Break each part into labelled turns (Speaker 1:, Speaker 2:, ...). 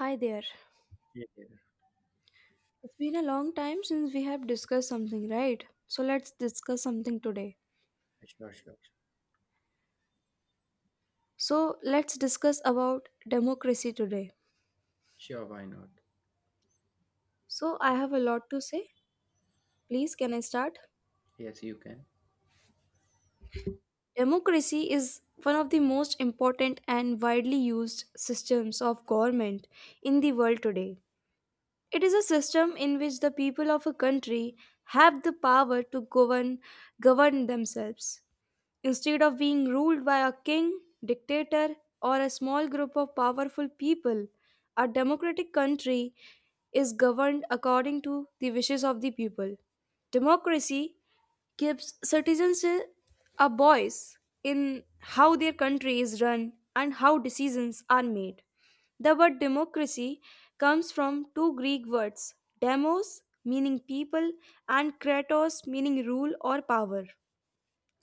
Speaker 1: Hi there.
Speaker 2: Yeah, yeah.
Speaker 1: It's been a long time since we have discussed something, right? So let's discuss something today.
Speaker 2: Sure, sure. Sure,
Speaker 1: So let's discuss about democracy today.
Speaker 2: Sure, why not?
Speaker 1: So I have a lot to say. Please, can I start?
Speaker 2: Yes, you can.
Speaker 1: Democracy is one of the most important and widely used systems of government in the world today. It is a system in which the people of a country have the power to govern themselves. Instead of being ruled by a king, dictator, or a small group of powerful people, a democratic country is governed according to the wishes of the people. Democracy gives citizens a voice in how their country is run and how decisions are made. The word democracy comes from two Greek words, demos meaning people and kratos meaning rule or power.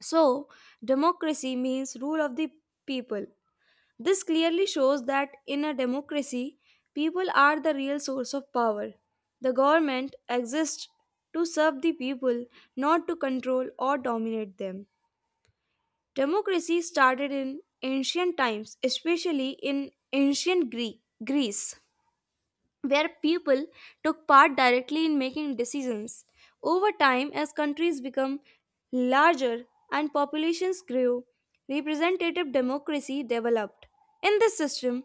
Speaker 1: So, democracy means rule of the people. This clearly shows that in a democracy, people are the real source of power. The government exists to serve the people, not to control or dominate them. Democracy started in ancient times, especially in ancient Greece, where people took part directly in making decisions. Over time, as countries become larger and populations grew, representative democracy developed. In this system,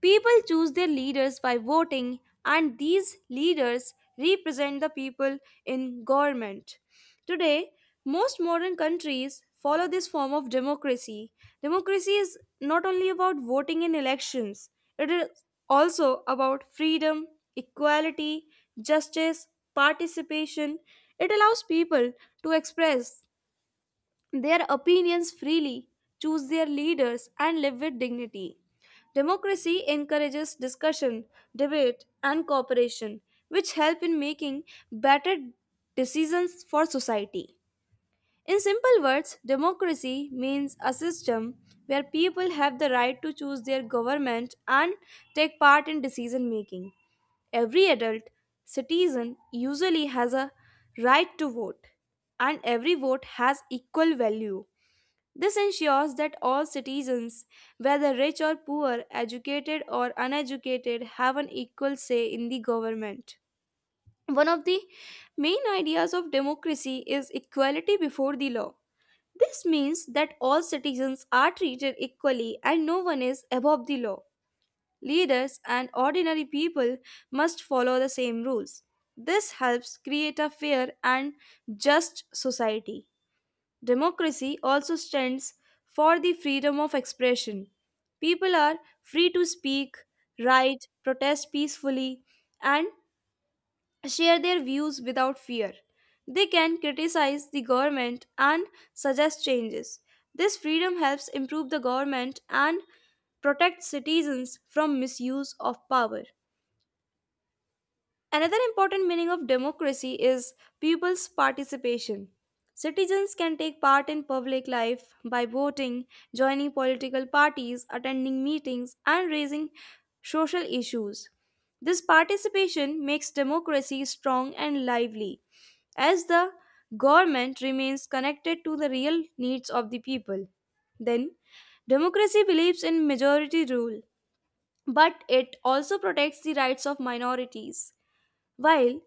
Speaker 1: people choose their leaders by voting, and these leaders represent the people in government. Today, most modern countries follow this form of democracy. Democracy is not only about voting in elections, it is also about freedom, equality, justice, participation. It allows people to express their opinions freely, choose their leaders, and live with dignity. Democracy encourages discussion, debate, and cooperation, which help in making better decisions for society. In simple words, democracy means a system where people have the right to choose their government and take part in decision making. Every adult citizen usually has a right to vote, and every vote has equal value. This ensures that all citizens, whether rich or poor, educated or uneducated, have an equal say in the government. One of the main ideas of democracy is equality before the law. This means that all citizens are treated equally and no one is above the law. Leaders and ordinary people must follow the same rules. This helps create a fair and just society. Democracy also stands for the freedom of expression. People are free to speak, write, protest peacefully, and share their views without fear. They can criticize the government and suggest changes. This freedom helps improve the government and protect citizens from misuse of power. Another important meaning of democracy is people's participation. Citizens can take part in public life by voting, joining political parties, attending meetings, and raising social issues. This participation makes democracy strong and lively, as the government remains connected to the real needs of the people. Then, democracy believes in majority rule, but it also protects the rights of minorities. While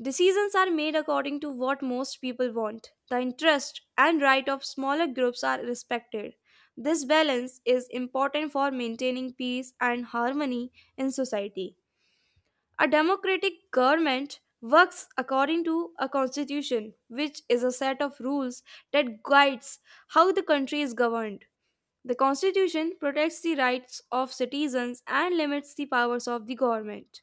Speaker 1: decisions are made according to what most people want, the interest and right of smaller groups are respected. This balance is important for maintaining peace and harmony in society. A democratic government works according to a constitution, which is a set of rules that guides how the country is governed. The constitution protects the rights of citizens and limits the powers of the government.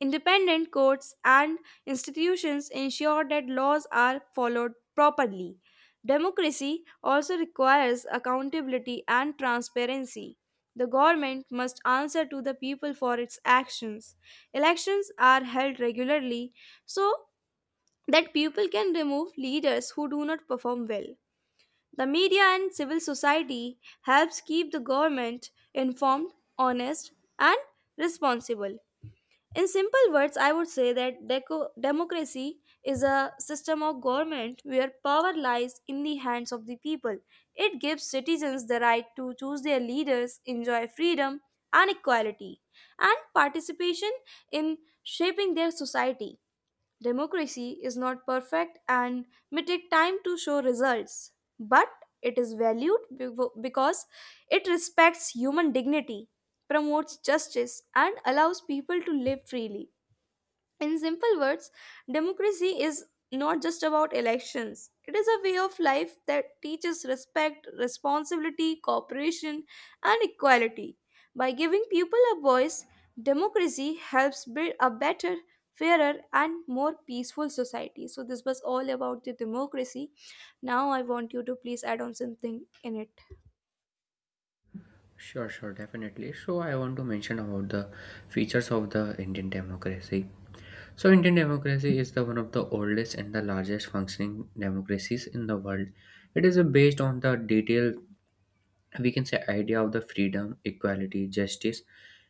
Speaker 1: Independent courts and institutions ensure that laws are followed properly. Democracy also requires accountability and transparency. The government must answer to the people for its actions. Elections are held regularly so that people can remove leaders who do not perform well. The media and civil society helps keep the government informed, honest, and responsible. In simple words, I would say that democracy is a system of government where power lies in the hands of the people. It gives citizens the right to choose their leaders, enjoy freedom and equality, and participation in shaping their society. Democracy is not perfect and may take time to show results, but it is valued because it respects human dignity, promotes justice, and allows people to live freely. In simple words, democracy is not just about elections. It is a way of life that teaches respect, responsibility, cooperation, and equality. By giving people a voice, democracy helps build a better, fairer, and more peaceful society. So, this was all about the democracy. Now, I want you to please add on something in it.
Speaker 2: Sure, sure, definitely. So I want to mention about the features of the Indian democracy. So Indian democracy is the one of the oldest and the largest functioning democracies in the world. It is based on the detailed, we can say, idea of the freedom, equality, justice,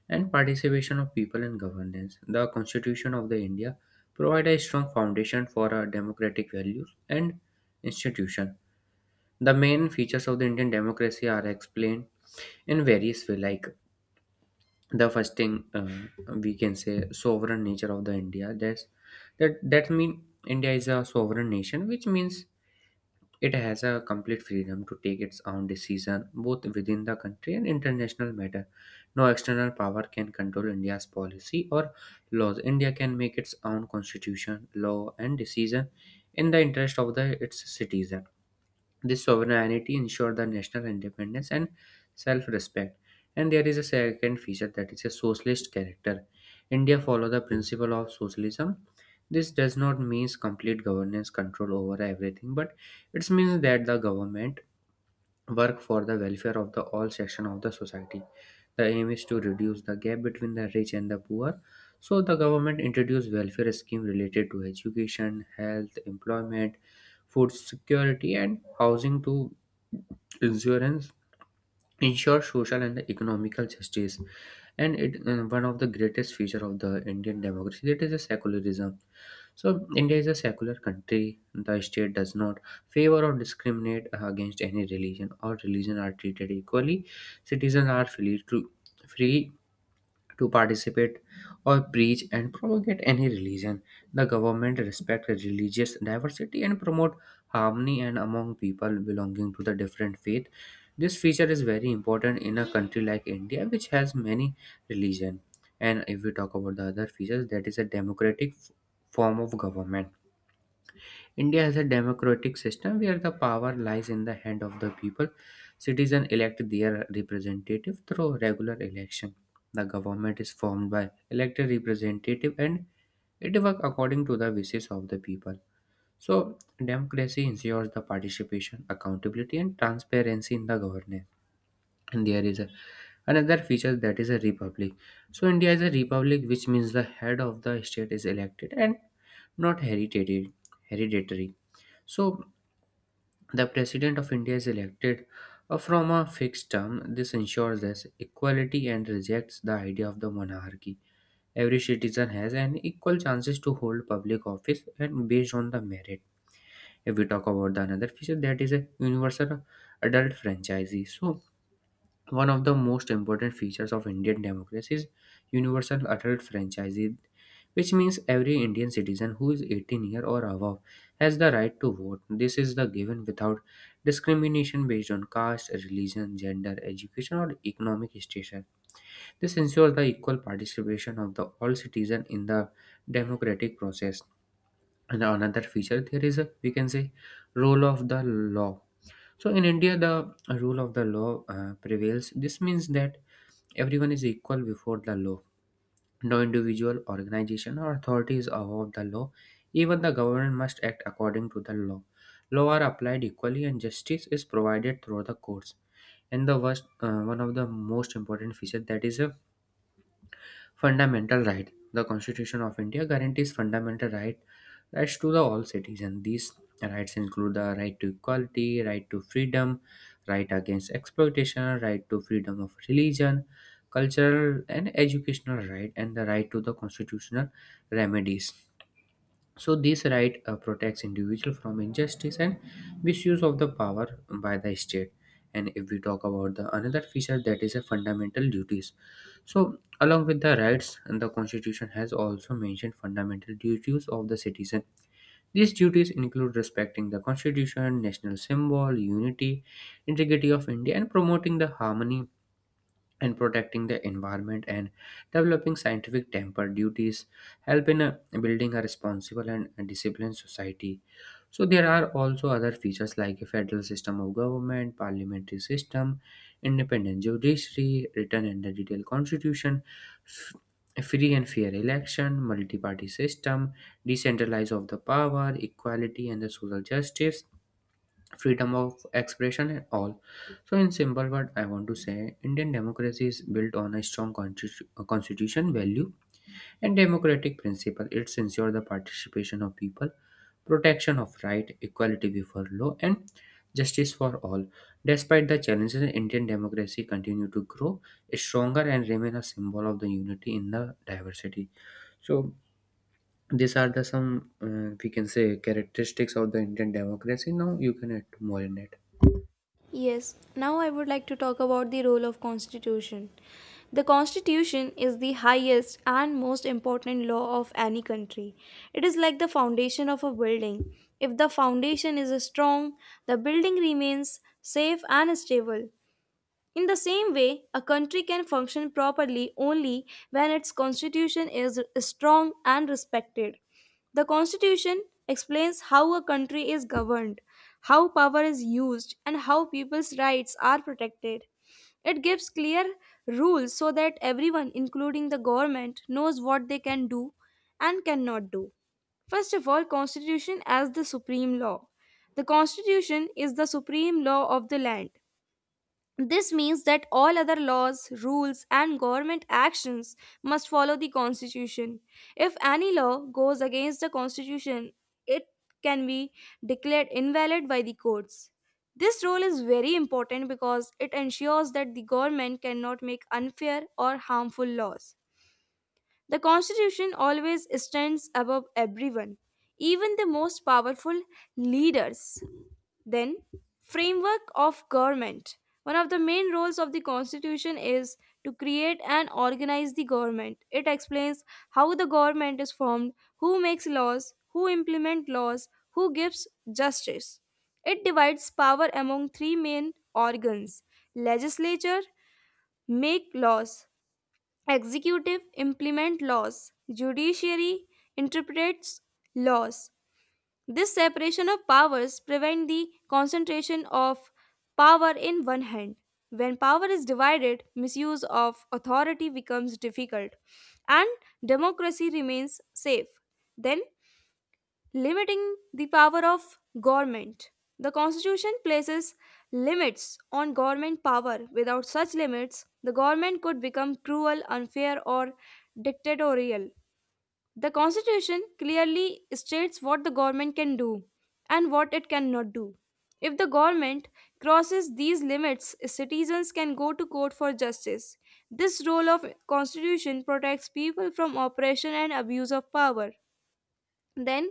Speaker 2: and participation of people in governance. The Constitution of the India provide a strong foundation for our democratic values and institutions. The main features of the Indian democracy are explained in various ways. Like the first thing we can say, sovereign nature of the India. That mean India is a sovereign nation, which means it has a complete freedom to take its own decision both within the country and international matter. No external power can control India's policy or laws. India can make its own constitution, law, and decision in the interest of the its citizen. This sovereignty ensured the national independence and self respect. And there is a second feature, that is a socialist character. India follows the principle of socialism. This does not mean complete governance control over everything, but it means that the government work for the welfare of the all section of the society. The aim is to reduce the gap between the rich and the poor, so the government introduced welfare scheme related to education, health, employment, food security, and housing to insurance ensure social and economical justice. And it, one of the greatest feature of the Indian democracy, that is a secularism. So India is a secular country. The state does not favor or discriminate against any religion. All religion are treated equally. Citizens are free to free participate or preach and propagate any religion. The government respect religious diversity and promote harmony and among people belonging to the different faith. This feature is very important in a country like India, which has many religion. And if we talk about the other features, that is a form of government. India has a democratic system where the power lies in the hand of the people. Citizens elect their representative through regular election. The government is formed by elected representative and it works according to the wishes of the people. So democracy ensures the participation, accountability, and transparency in the governance. And there is a, another feature, that is a republic. So India is a republic, which means the head of the state is elected and not hereditary. So the President of India is elected from a fixed term. This ensures this equality and rejects the idea of the monarchy. Every citizen has an equal chances to hold public office and based on the merit. If we talk about the another feature, that is a universal adult franchise. So one of the most important features of Indian democracy is universal adult franchise, which means every Indian citizen who is 18 year or above has the right to vote. This is the given without discrimination based on caste, religion, gender, education, or economic status. This ensures the equal participation of the all citizen in the democratic process. And another feature there is a, we can say, role of the law. So in India, the rule of the law prevails. This means that everyone is equal before the law. No individual, organization, or authority is above the law. Even the government must act according to the law. Law are applied equally, and justice is provided through the courts. And the worst, one of the most important feature, that is a fundamental right. The Constitution of India guarantees fundamental right rights to the all citizens. These rights include the right to equality, right to freedom, right against exploitation, right to freedom of religion, cultural and educational right, and the right to the constitutional remedies. So this right, protects individual from injustice and misuse of the power by the state. And if we talk about the another feature, that is a fundamental duties. So along with the rights, and the constitution has also mentioned fundamental duties of the citizen. These duties include respecting the constitution, national symbol, unity, integrity of India, and promoting the harmony, and protecting the environment, and developing scientific temper. Duties help in building a responsible and disciplined society. So there are also other features like a federal system of government, parliamentary system, independent judiciary, written and the detailed constitution, f- free and fair election, multi-party system, decentralize of the power, equality and the social justice, freedom of expression, and all. So, in simple word, I want to say Indian democracy is built on a strong constitution value and democratic principle. It's ensure the participation of people, protection of right, equality before law, and justice for all. Despite the challenges, Indian democracy continue to grow stronger and remain a symbol of the unity in the diversity. So. These are the some we can say characteristics of the Indian democracy. Now you can add more in it.
Speaker 1: Yes, now I would like to talk about the role of constitution. The constitution is the highest and most important law of any country. It is like the foundation of a building. If the foundation is strong, the building remains safe and stable. In the same way, a country can function properly only when its constitution is strong and respected. The constitution explains how a country is governed, how power is used, and how people's rights are protected. It gives clear rules so that everyone, including the government, knows what they can do and cannot do. First of all, constitution as the supreme law. The constitution is the supreme law of the land. This means that all other laws, rules, and government actions must follow the Constitution. If any law goes against the Constitution, it can be declared invalid by the courts. This rule is very important because it ensures that the government cannot make unfair or harmful laws. The Constitution always stands above everyone, even the most powerful leaders. Then, framework of government. One of the main roles of the constitution is to create and organize the government. It explains how the government is formed, who makes laws, who implement laws, who gives justice. It divides power among three main organs: legislature make laws, executive implement laws, judiciary interprets laws. This separation of powers prevent the concentration of power in one hand. When power is divided, misuse of authority becomes difficult and democracy remains safe. Then limiting the power of government. The constitution places limits on government power. Without such limits, the government could become cruel, unfair or dictatorial. The Constitution clearly states what the government can do and what it cannot do. If the government crosses these limits, citizens can go to court for justice. This role of constitution protects people from oppression and abuse of power. Then,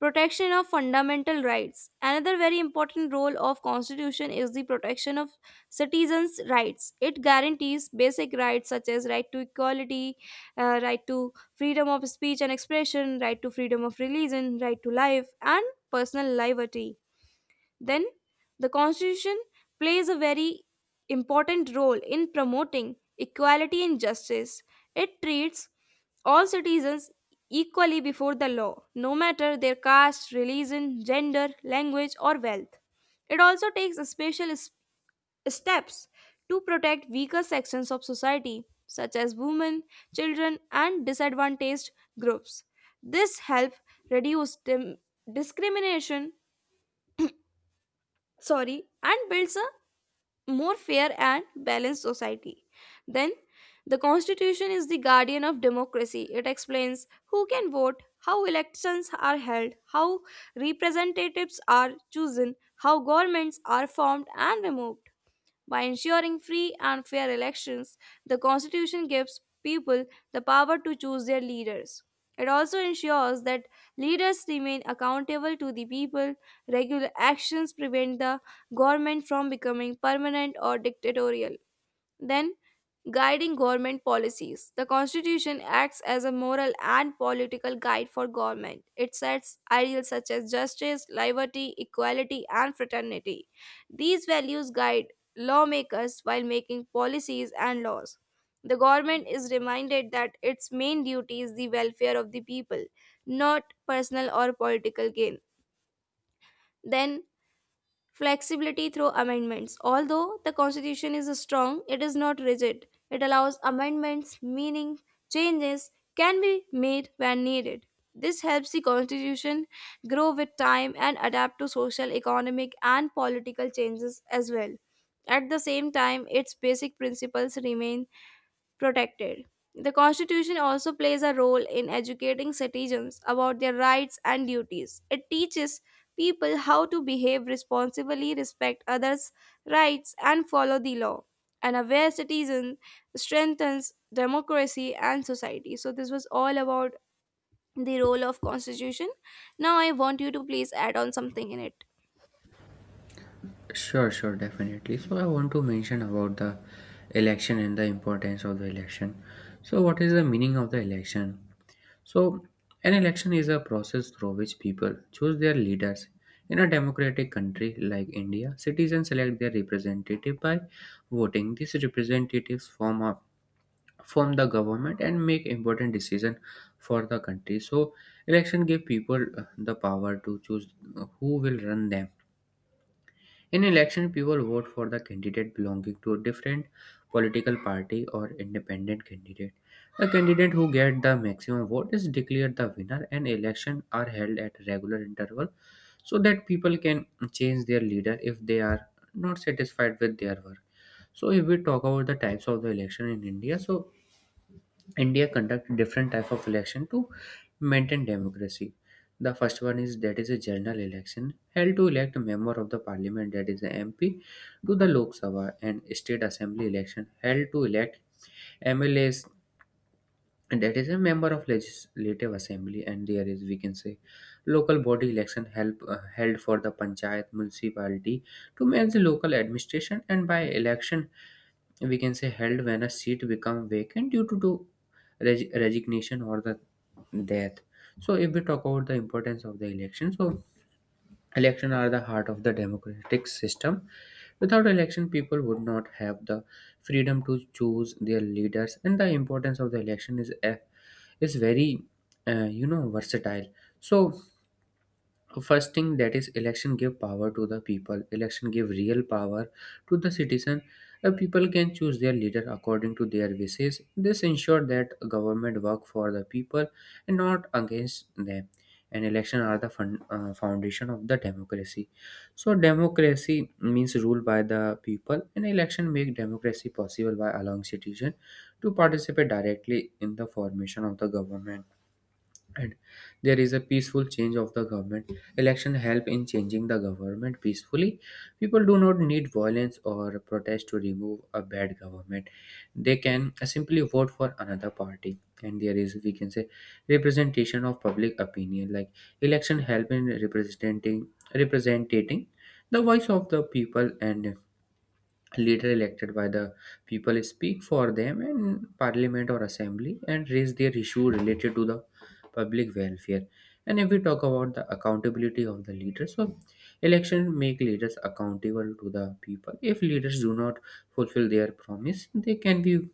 Speaker 1: protection of fundamental rights. Another very important role of constitution is the protection of citizens rights. It guarantees basic rights such as right to equality, right to freedom of speech and expression, right to freedom of religion, right to life and personal liberty. Then, the Constitution plays a very important role in promoting equality and justice. It treats all citizens equally before the law, no matter their caste, religion, gender, language, or wealth. It also takes steps to protect weaker sections of society, such as women, children, and disadvantaged groups. This helps reduce discrimination, sorry, and builds a more fair and balanced society. Then, the Constitution is the guardian of democracy. It explains who can vote, how elections are held, how representatives are chosen, how governments are formed and removed. By ensuring free and fair elections, the Constitution gives people the power to choose their leaders. It also ensures that leaders remain accountable to the people. Regular actions prevent the government from becoming permanent or dictatorial. Then, guiding government policies. The Constitution acts as a moral and political guide for government. It sets ideals such as justice, liberty, equality, and fraternity. These values guide lawmakers while making policies and laws. The government is reminded that its main duty is the welfare of the people, not personal or political gain. Then, flexibility through amendments. Although the constitution is strong, it is not rigid. It allows amendments, meaning changes can be made when needed. This helps the constitution grow with time and adapt to social, economic, and political changes as well. At the same time, its basic principles remain protected. The Constitution also plays a role in educating citizens about their rights and duties. It teaches people how to behave responsibly, respect others' rights, and follow the law. An aware citizen strengthens democracy and society. So this was all about the role of constitution. Now I want you to please add on something in it.
Speaker 2: Sure, sure, definitely. So I want to mention about the election and the importance of the election. So what is the meaning of the election? So an election is a process through which people choose their leaders. In a democratic country like India, citizens elect their representative by voting. These representatives form the government and make important decision for the country. So election give people the power to choose who will run them. In election, people vote for the candidate belonging to a different political party or independent candidate. The candidate who gets the maximum vote is declared the winner, and elections are held at regular interval so that people can change their leader if they are not satisfied with their work. So, if we talk about the types of the election in India, so India conduct different type of election to maintain democracy. The first one is that is a general election, held to elect a member of the parliament, that is a MP, to the Lok Sabha, and state assembly election held to elect MLAs, that is a member of legislative assembly, and there is we can say local body election help held for the panchayat municipality to manage the local administration, and by election we can say held when a seat become vacant due to resignation or the death. So if we talk about the importance of the election, so election are the heart of the democratic system. Without election people would not have the freedom to choose their leaders, and the importance of the election is is very versatile. So so, first thing, that is election give power to the people. Election give real power to the citizen. People can choose their leader according to their wishes. This ensure that government work for the people and not against them. And election are the foundation of the democracy. So democracy means rule by the people, and election make democracy possible by allowing citizen to participate directly in the formation of the government. And there is a peaceful change of the government. Election help in changing the government peacefully. People do not need violence or protest to remove a bad government. They can simply vote for another party. And there is we can say representation of public opinion. Like election help in representing the voice of the people. And later elected by the people speak for them in parliament or assembly and raise their issue related to the public welfare. And if we talk about the accountability of the leaders, so election make leaders accountable to the people. If leaders do not fulfill their promise, they can be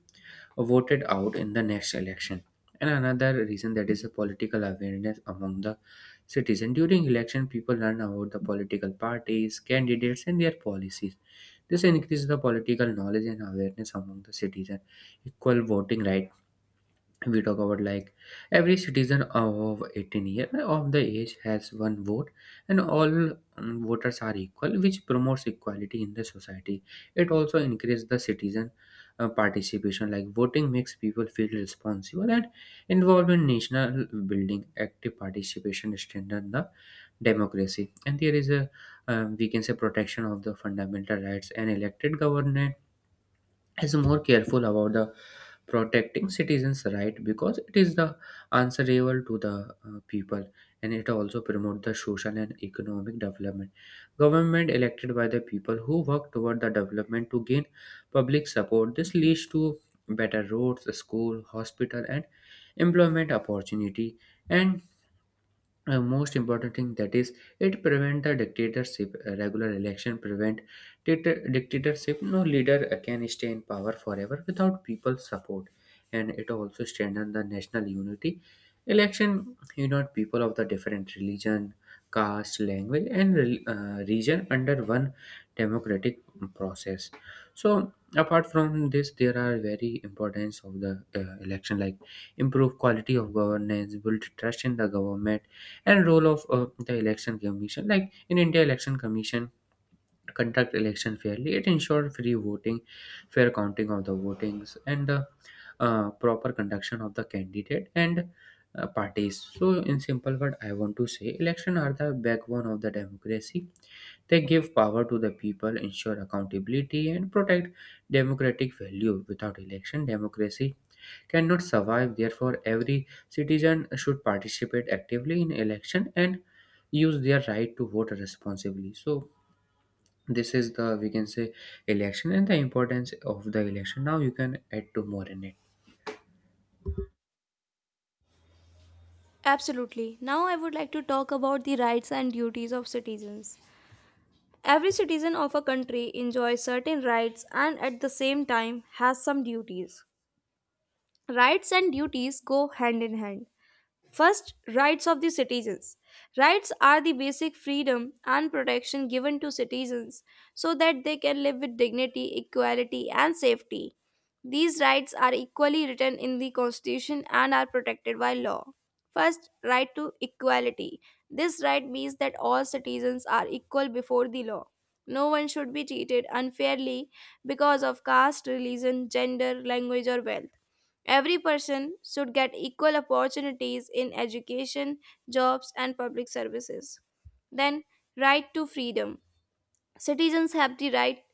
Speaker 2: voted out in the next election. And another reason, that is a political awareness among the citizen. During election, people learn about the political parties, candidates, and their policies. This increases the political knowledge and awareness among the citizen. Equal voting right, we talk about like every citizen of 18 year of the age has one vote, and all voters are equal, which promotes equality in the society. It also increases the citizen participation. Like, voting makes people feel responsible and involved in national building. Active participation strengthens the democracy. And there is a, we can say, protection of the fundamental rights, and elected government is more careful about the protecting citizens right because it is the answerable to the people. And it also promote the social and economic development. Government elected by the people who work toward the development to gain public support. This leads to better roads, school, hospital, and employment opportunity. And most important thing that is it prevent the dictatorship. Regular election prevent dictatorship. No leader can stay in power forever without people's support. And it also strengthen the national unity. Election unite people of the different religion, caste, language, and region under one democratic process. So apart from this, there are very importance of the election, like improve quality of governance, build trust in the government, and role of the election commission. Like in India, election commission conduct election fairly. It ensures free voting, fair counting of the votings, and the proper conduction of the candidate and parties. So in simple word, I want to say election are the backbone of the democracy. They give power to the people, ensure accountability, and protect democratic value. Without election, democracy cannot survive. Therefore, every citizen should participate actively in election and use their right to vote responsibly. So this is the, we can say, election and the importance of the election. Now you can add to more in it.
Speaker 1: Absolutely. Now I would like to talk about the rights and duties of citizens. Every citizen of a country enjoys certain rights and at the same time has some duties. Rights and duties go hand in hand. First, rights of the citizens. Rights are the basic freedom and protection given to citizens so that they can live with dignity, equality, and safety. These rights are equally written in the Constitution and are protected by law. First, right to equality. This right means that all citizens are equal before the law. No one should be treated unfairly because of caste, religion, gender, language, or wealth. Every person should get equal opportunities in education, jobs, and public services. Then, right to freedom. Citizens have the right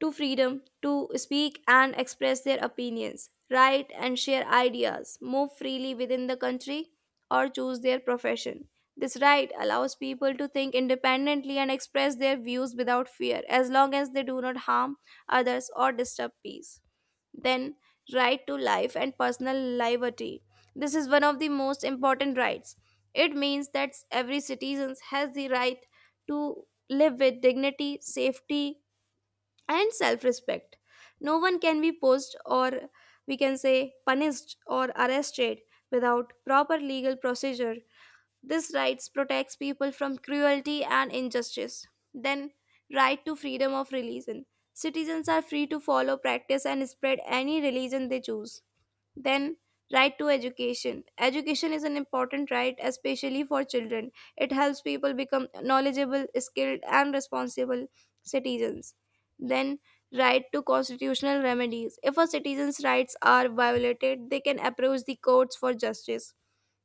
Speaker 1: to freedom to speak and express their opinions, write and share ideas, move freely within the country, or choose their profession. This right allows people to think independently and express their views without fear, as long as they do not harm others or disturb peace. Then, right to life and personal liberty. This is one of the most important rights. It means that every citizen has the right to live with dignity, safety, and self-respect. No one can be posed, or we can say punished or arrested, without proper legal procedure. This rights protects people from cruelty and injustice. Then, right to freedom of religion. Citizens are free to follow, practice, and spread any religion they choose. Then, right to education. Education is an important right, especially for children. It helps people become knowledgeable, skilled, and responsible citizens. Then, right to constitutional remedies. If a citizen's rights are violated, they can approach the courts for justice.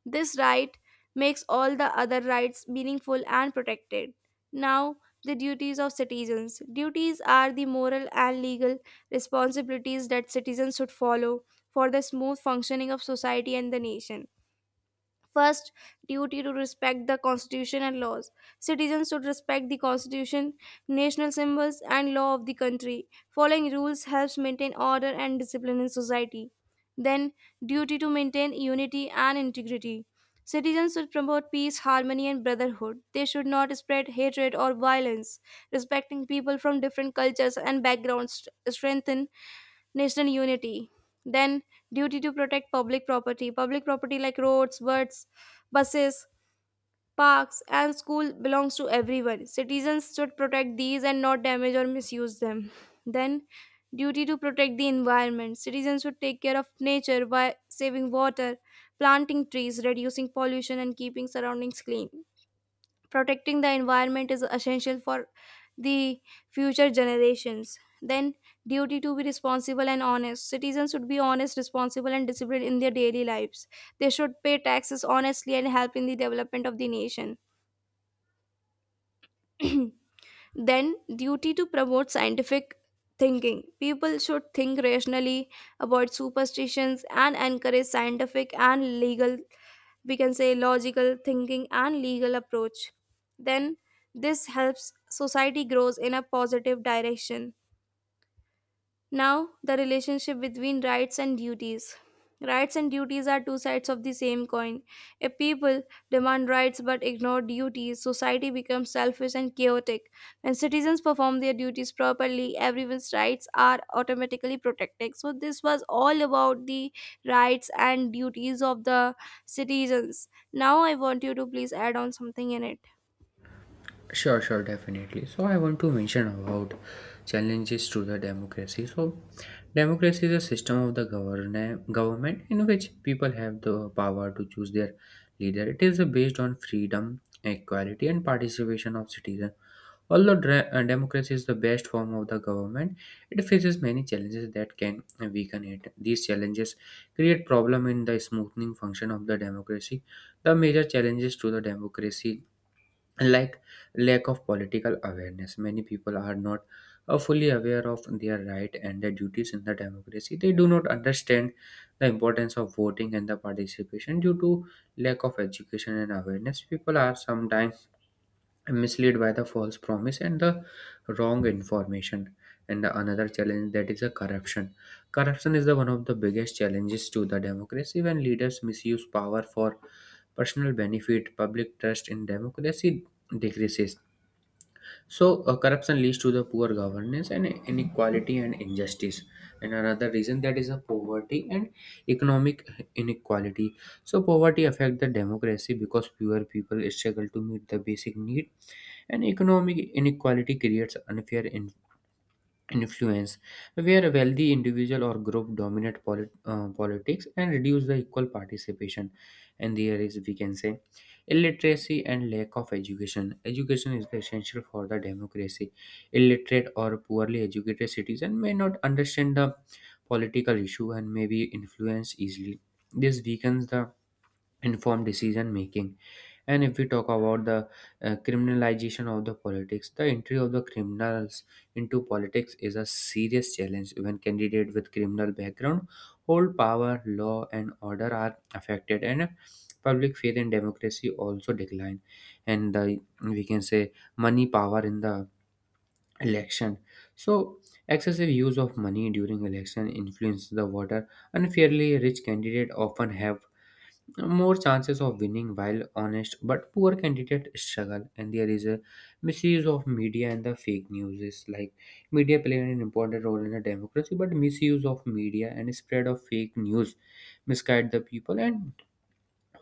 Speaker 1: This right makes all the other rights meaningful and protected. Now, the duties of citizens. Duties are the moral and legal responsibilities that citizens should follow for the smooth functioning of society and the nation. First, duty to respect the constitution and laws. Citizens should respect the constitution, national symbols, and law of the country. Following rules helps maintain order and discipline in society. Then, duty to maintain unity and integrity. Citizens should promote peace, harmony, and brotherhood. They should not spread hatred or violence. Respecting people from different cultures and backgrounds strengthen national unity. Then, duty to protect public property. Public property like roads, birds, buses, parks and school belongs to everyone. Citizens should protect these and not damage or misuse them. Then, duty to protect the environment. Citizens should take care of nature by saving water, planting trees, reducing pollution, and keeping surroundings clean. Protecting the environment is essential for the future generations. Then, duty to be responsible and honest. Citizens should be honest, responsible and disciplined in their daily lives. They should pay taxes honestly and help in the development of the nation. Then, duty to promote scientific thinking. People should think rationally, avoid superstitions, and encourage scientific and legal, we can say logical, thinking and legal approach. Then, this helps society grows in a positive direction. Now, the relationship between rights and duties. Rights and duties are two sides of the same coin. If people demand rights but ignore duties, society becomes selfish and chaotic. When citizens perform their duties properly, everyone's rights are automatically protected. So, this was all about the rights and duties of the citizens. Now, I want you to please add on something in it.
Speaker 2: Sure, sure, definitely. So I want to mention about challenges to the democracy. So democracy is a system of the government in which people have the power to choose their leader. It is based on freedom, equality, and participation of citizens. Although democracy is the best form of the government, it faces many challenges that can weaken it. These challenges create problem in the smoothing function of the democracy. The major challenges to the democracy, like lack of political awareness. Many people are not fully aware of their right and their duties in the democracy. They do not understand the importance of voting and the participation due to lack of education and awareness. People are sometimes misled by the false promise and the wrong information. And the another challenge, that is a corruption. Corruption is the one of the biggest challenges to the democracy. When leaders misuse power for personal benefit, public trust in democracy decreases. So corruption leads to the poor governance and inequality and injustice. And another reason, that is a poverty and economic inequality. So poverty affect the democracy because fewer people struggle to meet the basic need, and economic inequality creates unfair influence, where a wealthy individual or group dominate politics and reduce the equal participation. And there is, we can say, illiteracy and lack of education. Education is the essential for the democracy. Illiterate or poorly educated citizen may not understand the political issue and may be influenced easily. This weakens the informed decision making. And if we talk about the criminalization of the politics, the entry of the criminals into politics is a serious challenge. When candidates with criminal background hold power, law and order are affected and public faith in democracy also decline. And the, we can say, money power in the election. So excessive use of money during election influences the voter. Unfairly, rich candidate often have more chances of winning, while honest but poor candidate struggle. And there is a misuse of media and the fake news. Is like, media play an important role in a democracy, but misuse of media and spread of fake news misguide the people. And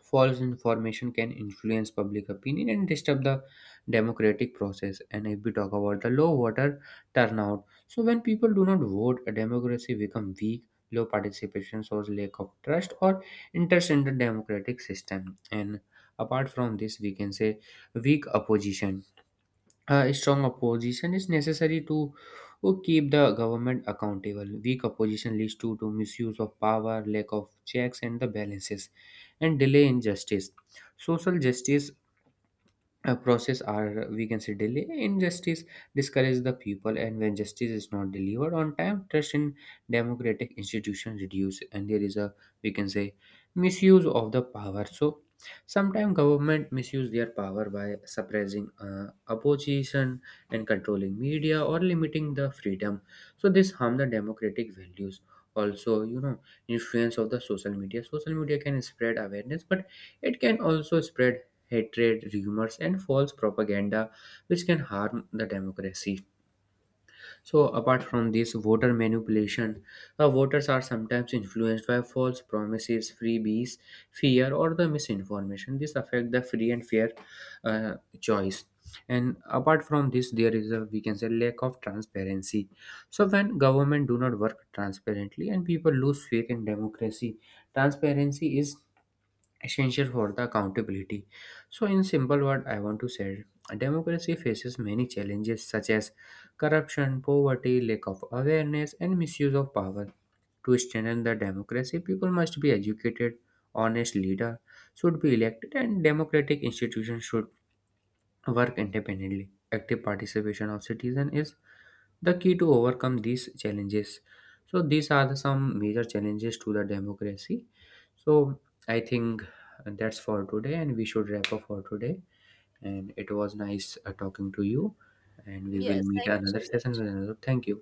Speaker 2: false information can influence public opinion and disturb the democratic process. And if we talk about the low voter turnout, so when people do not vote, a democracy becomes weak. Low participation shows lack of trust or interest in the democratic system. And apart from this, we can say, weak opposition. A strong opposition is necessary to keep the government accountable. Weak opposition leads to misuse of power, lack of checks and the balances, and delay in justice. Social justice process, or we can say delay injustice, discourages the people. And when justice is not delivered on time, trust in democratic institutions reduce. And there is a, we can say, misuse of the power. So sometimes government misuse their power by suppressing opposition and controlling media or limiting the freedom. So this harm the democratic values. Also, influence of the social media. Social media can spread awareness, but it can also spread hatred, rumors, and false propaganda, which can harm the democracy. So apart from this, voter manipulation, voters are sometimes influenced by false promises, freebies, fear, or the misinformation. This affect the free and fair uh, choice. And apart from this, there is a, we can say, lack of transparency. So when government do not work transparently and people lose faith in democracy, transparency is essential for the accountability. So in simple word, I want to say democracy faces many challenges such as corruption, poverty, lack of awareness, and misuse of power. To strengthen the democracy, people must be educated, honest leader should be elected, and democratic institutions should work independently. Active participation of citizens is the key to overcome these challenges. So these are the some major challenges to the democracy. So I think that's for today, and we should wrap up for today. And it was nice talking to you. And we will
Speaker 1: Yes,
Speaker 2: meet
Speaker 1: thank you so
Speaker 2: another session
Speaker 1: much.
Speaker 2: with another. Thank you.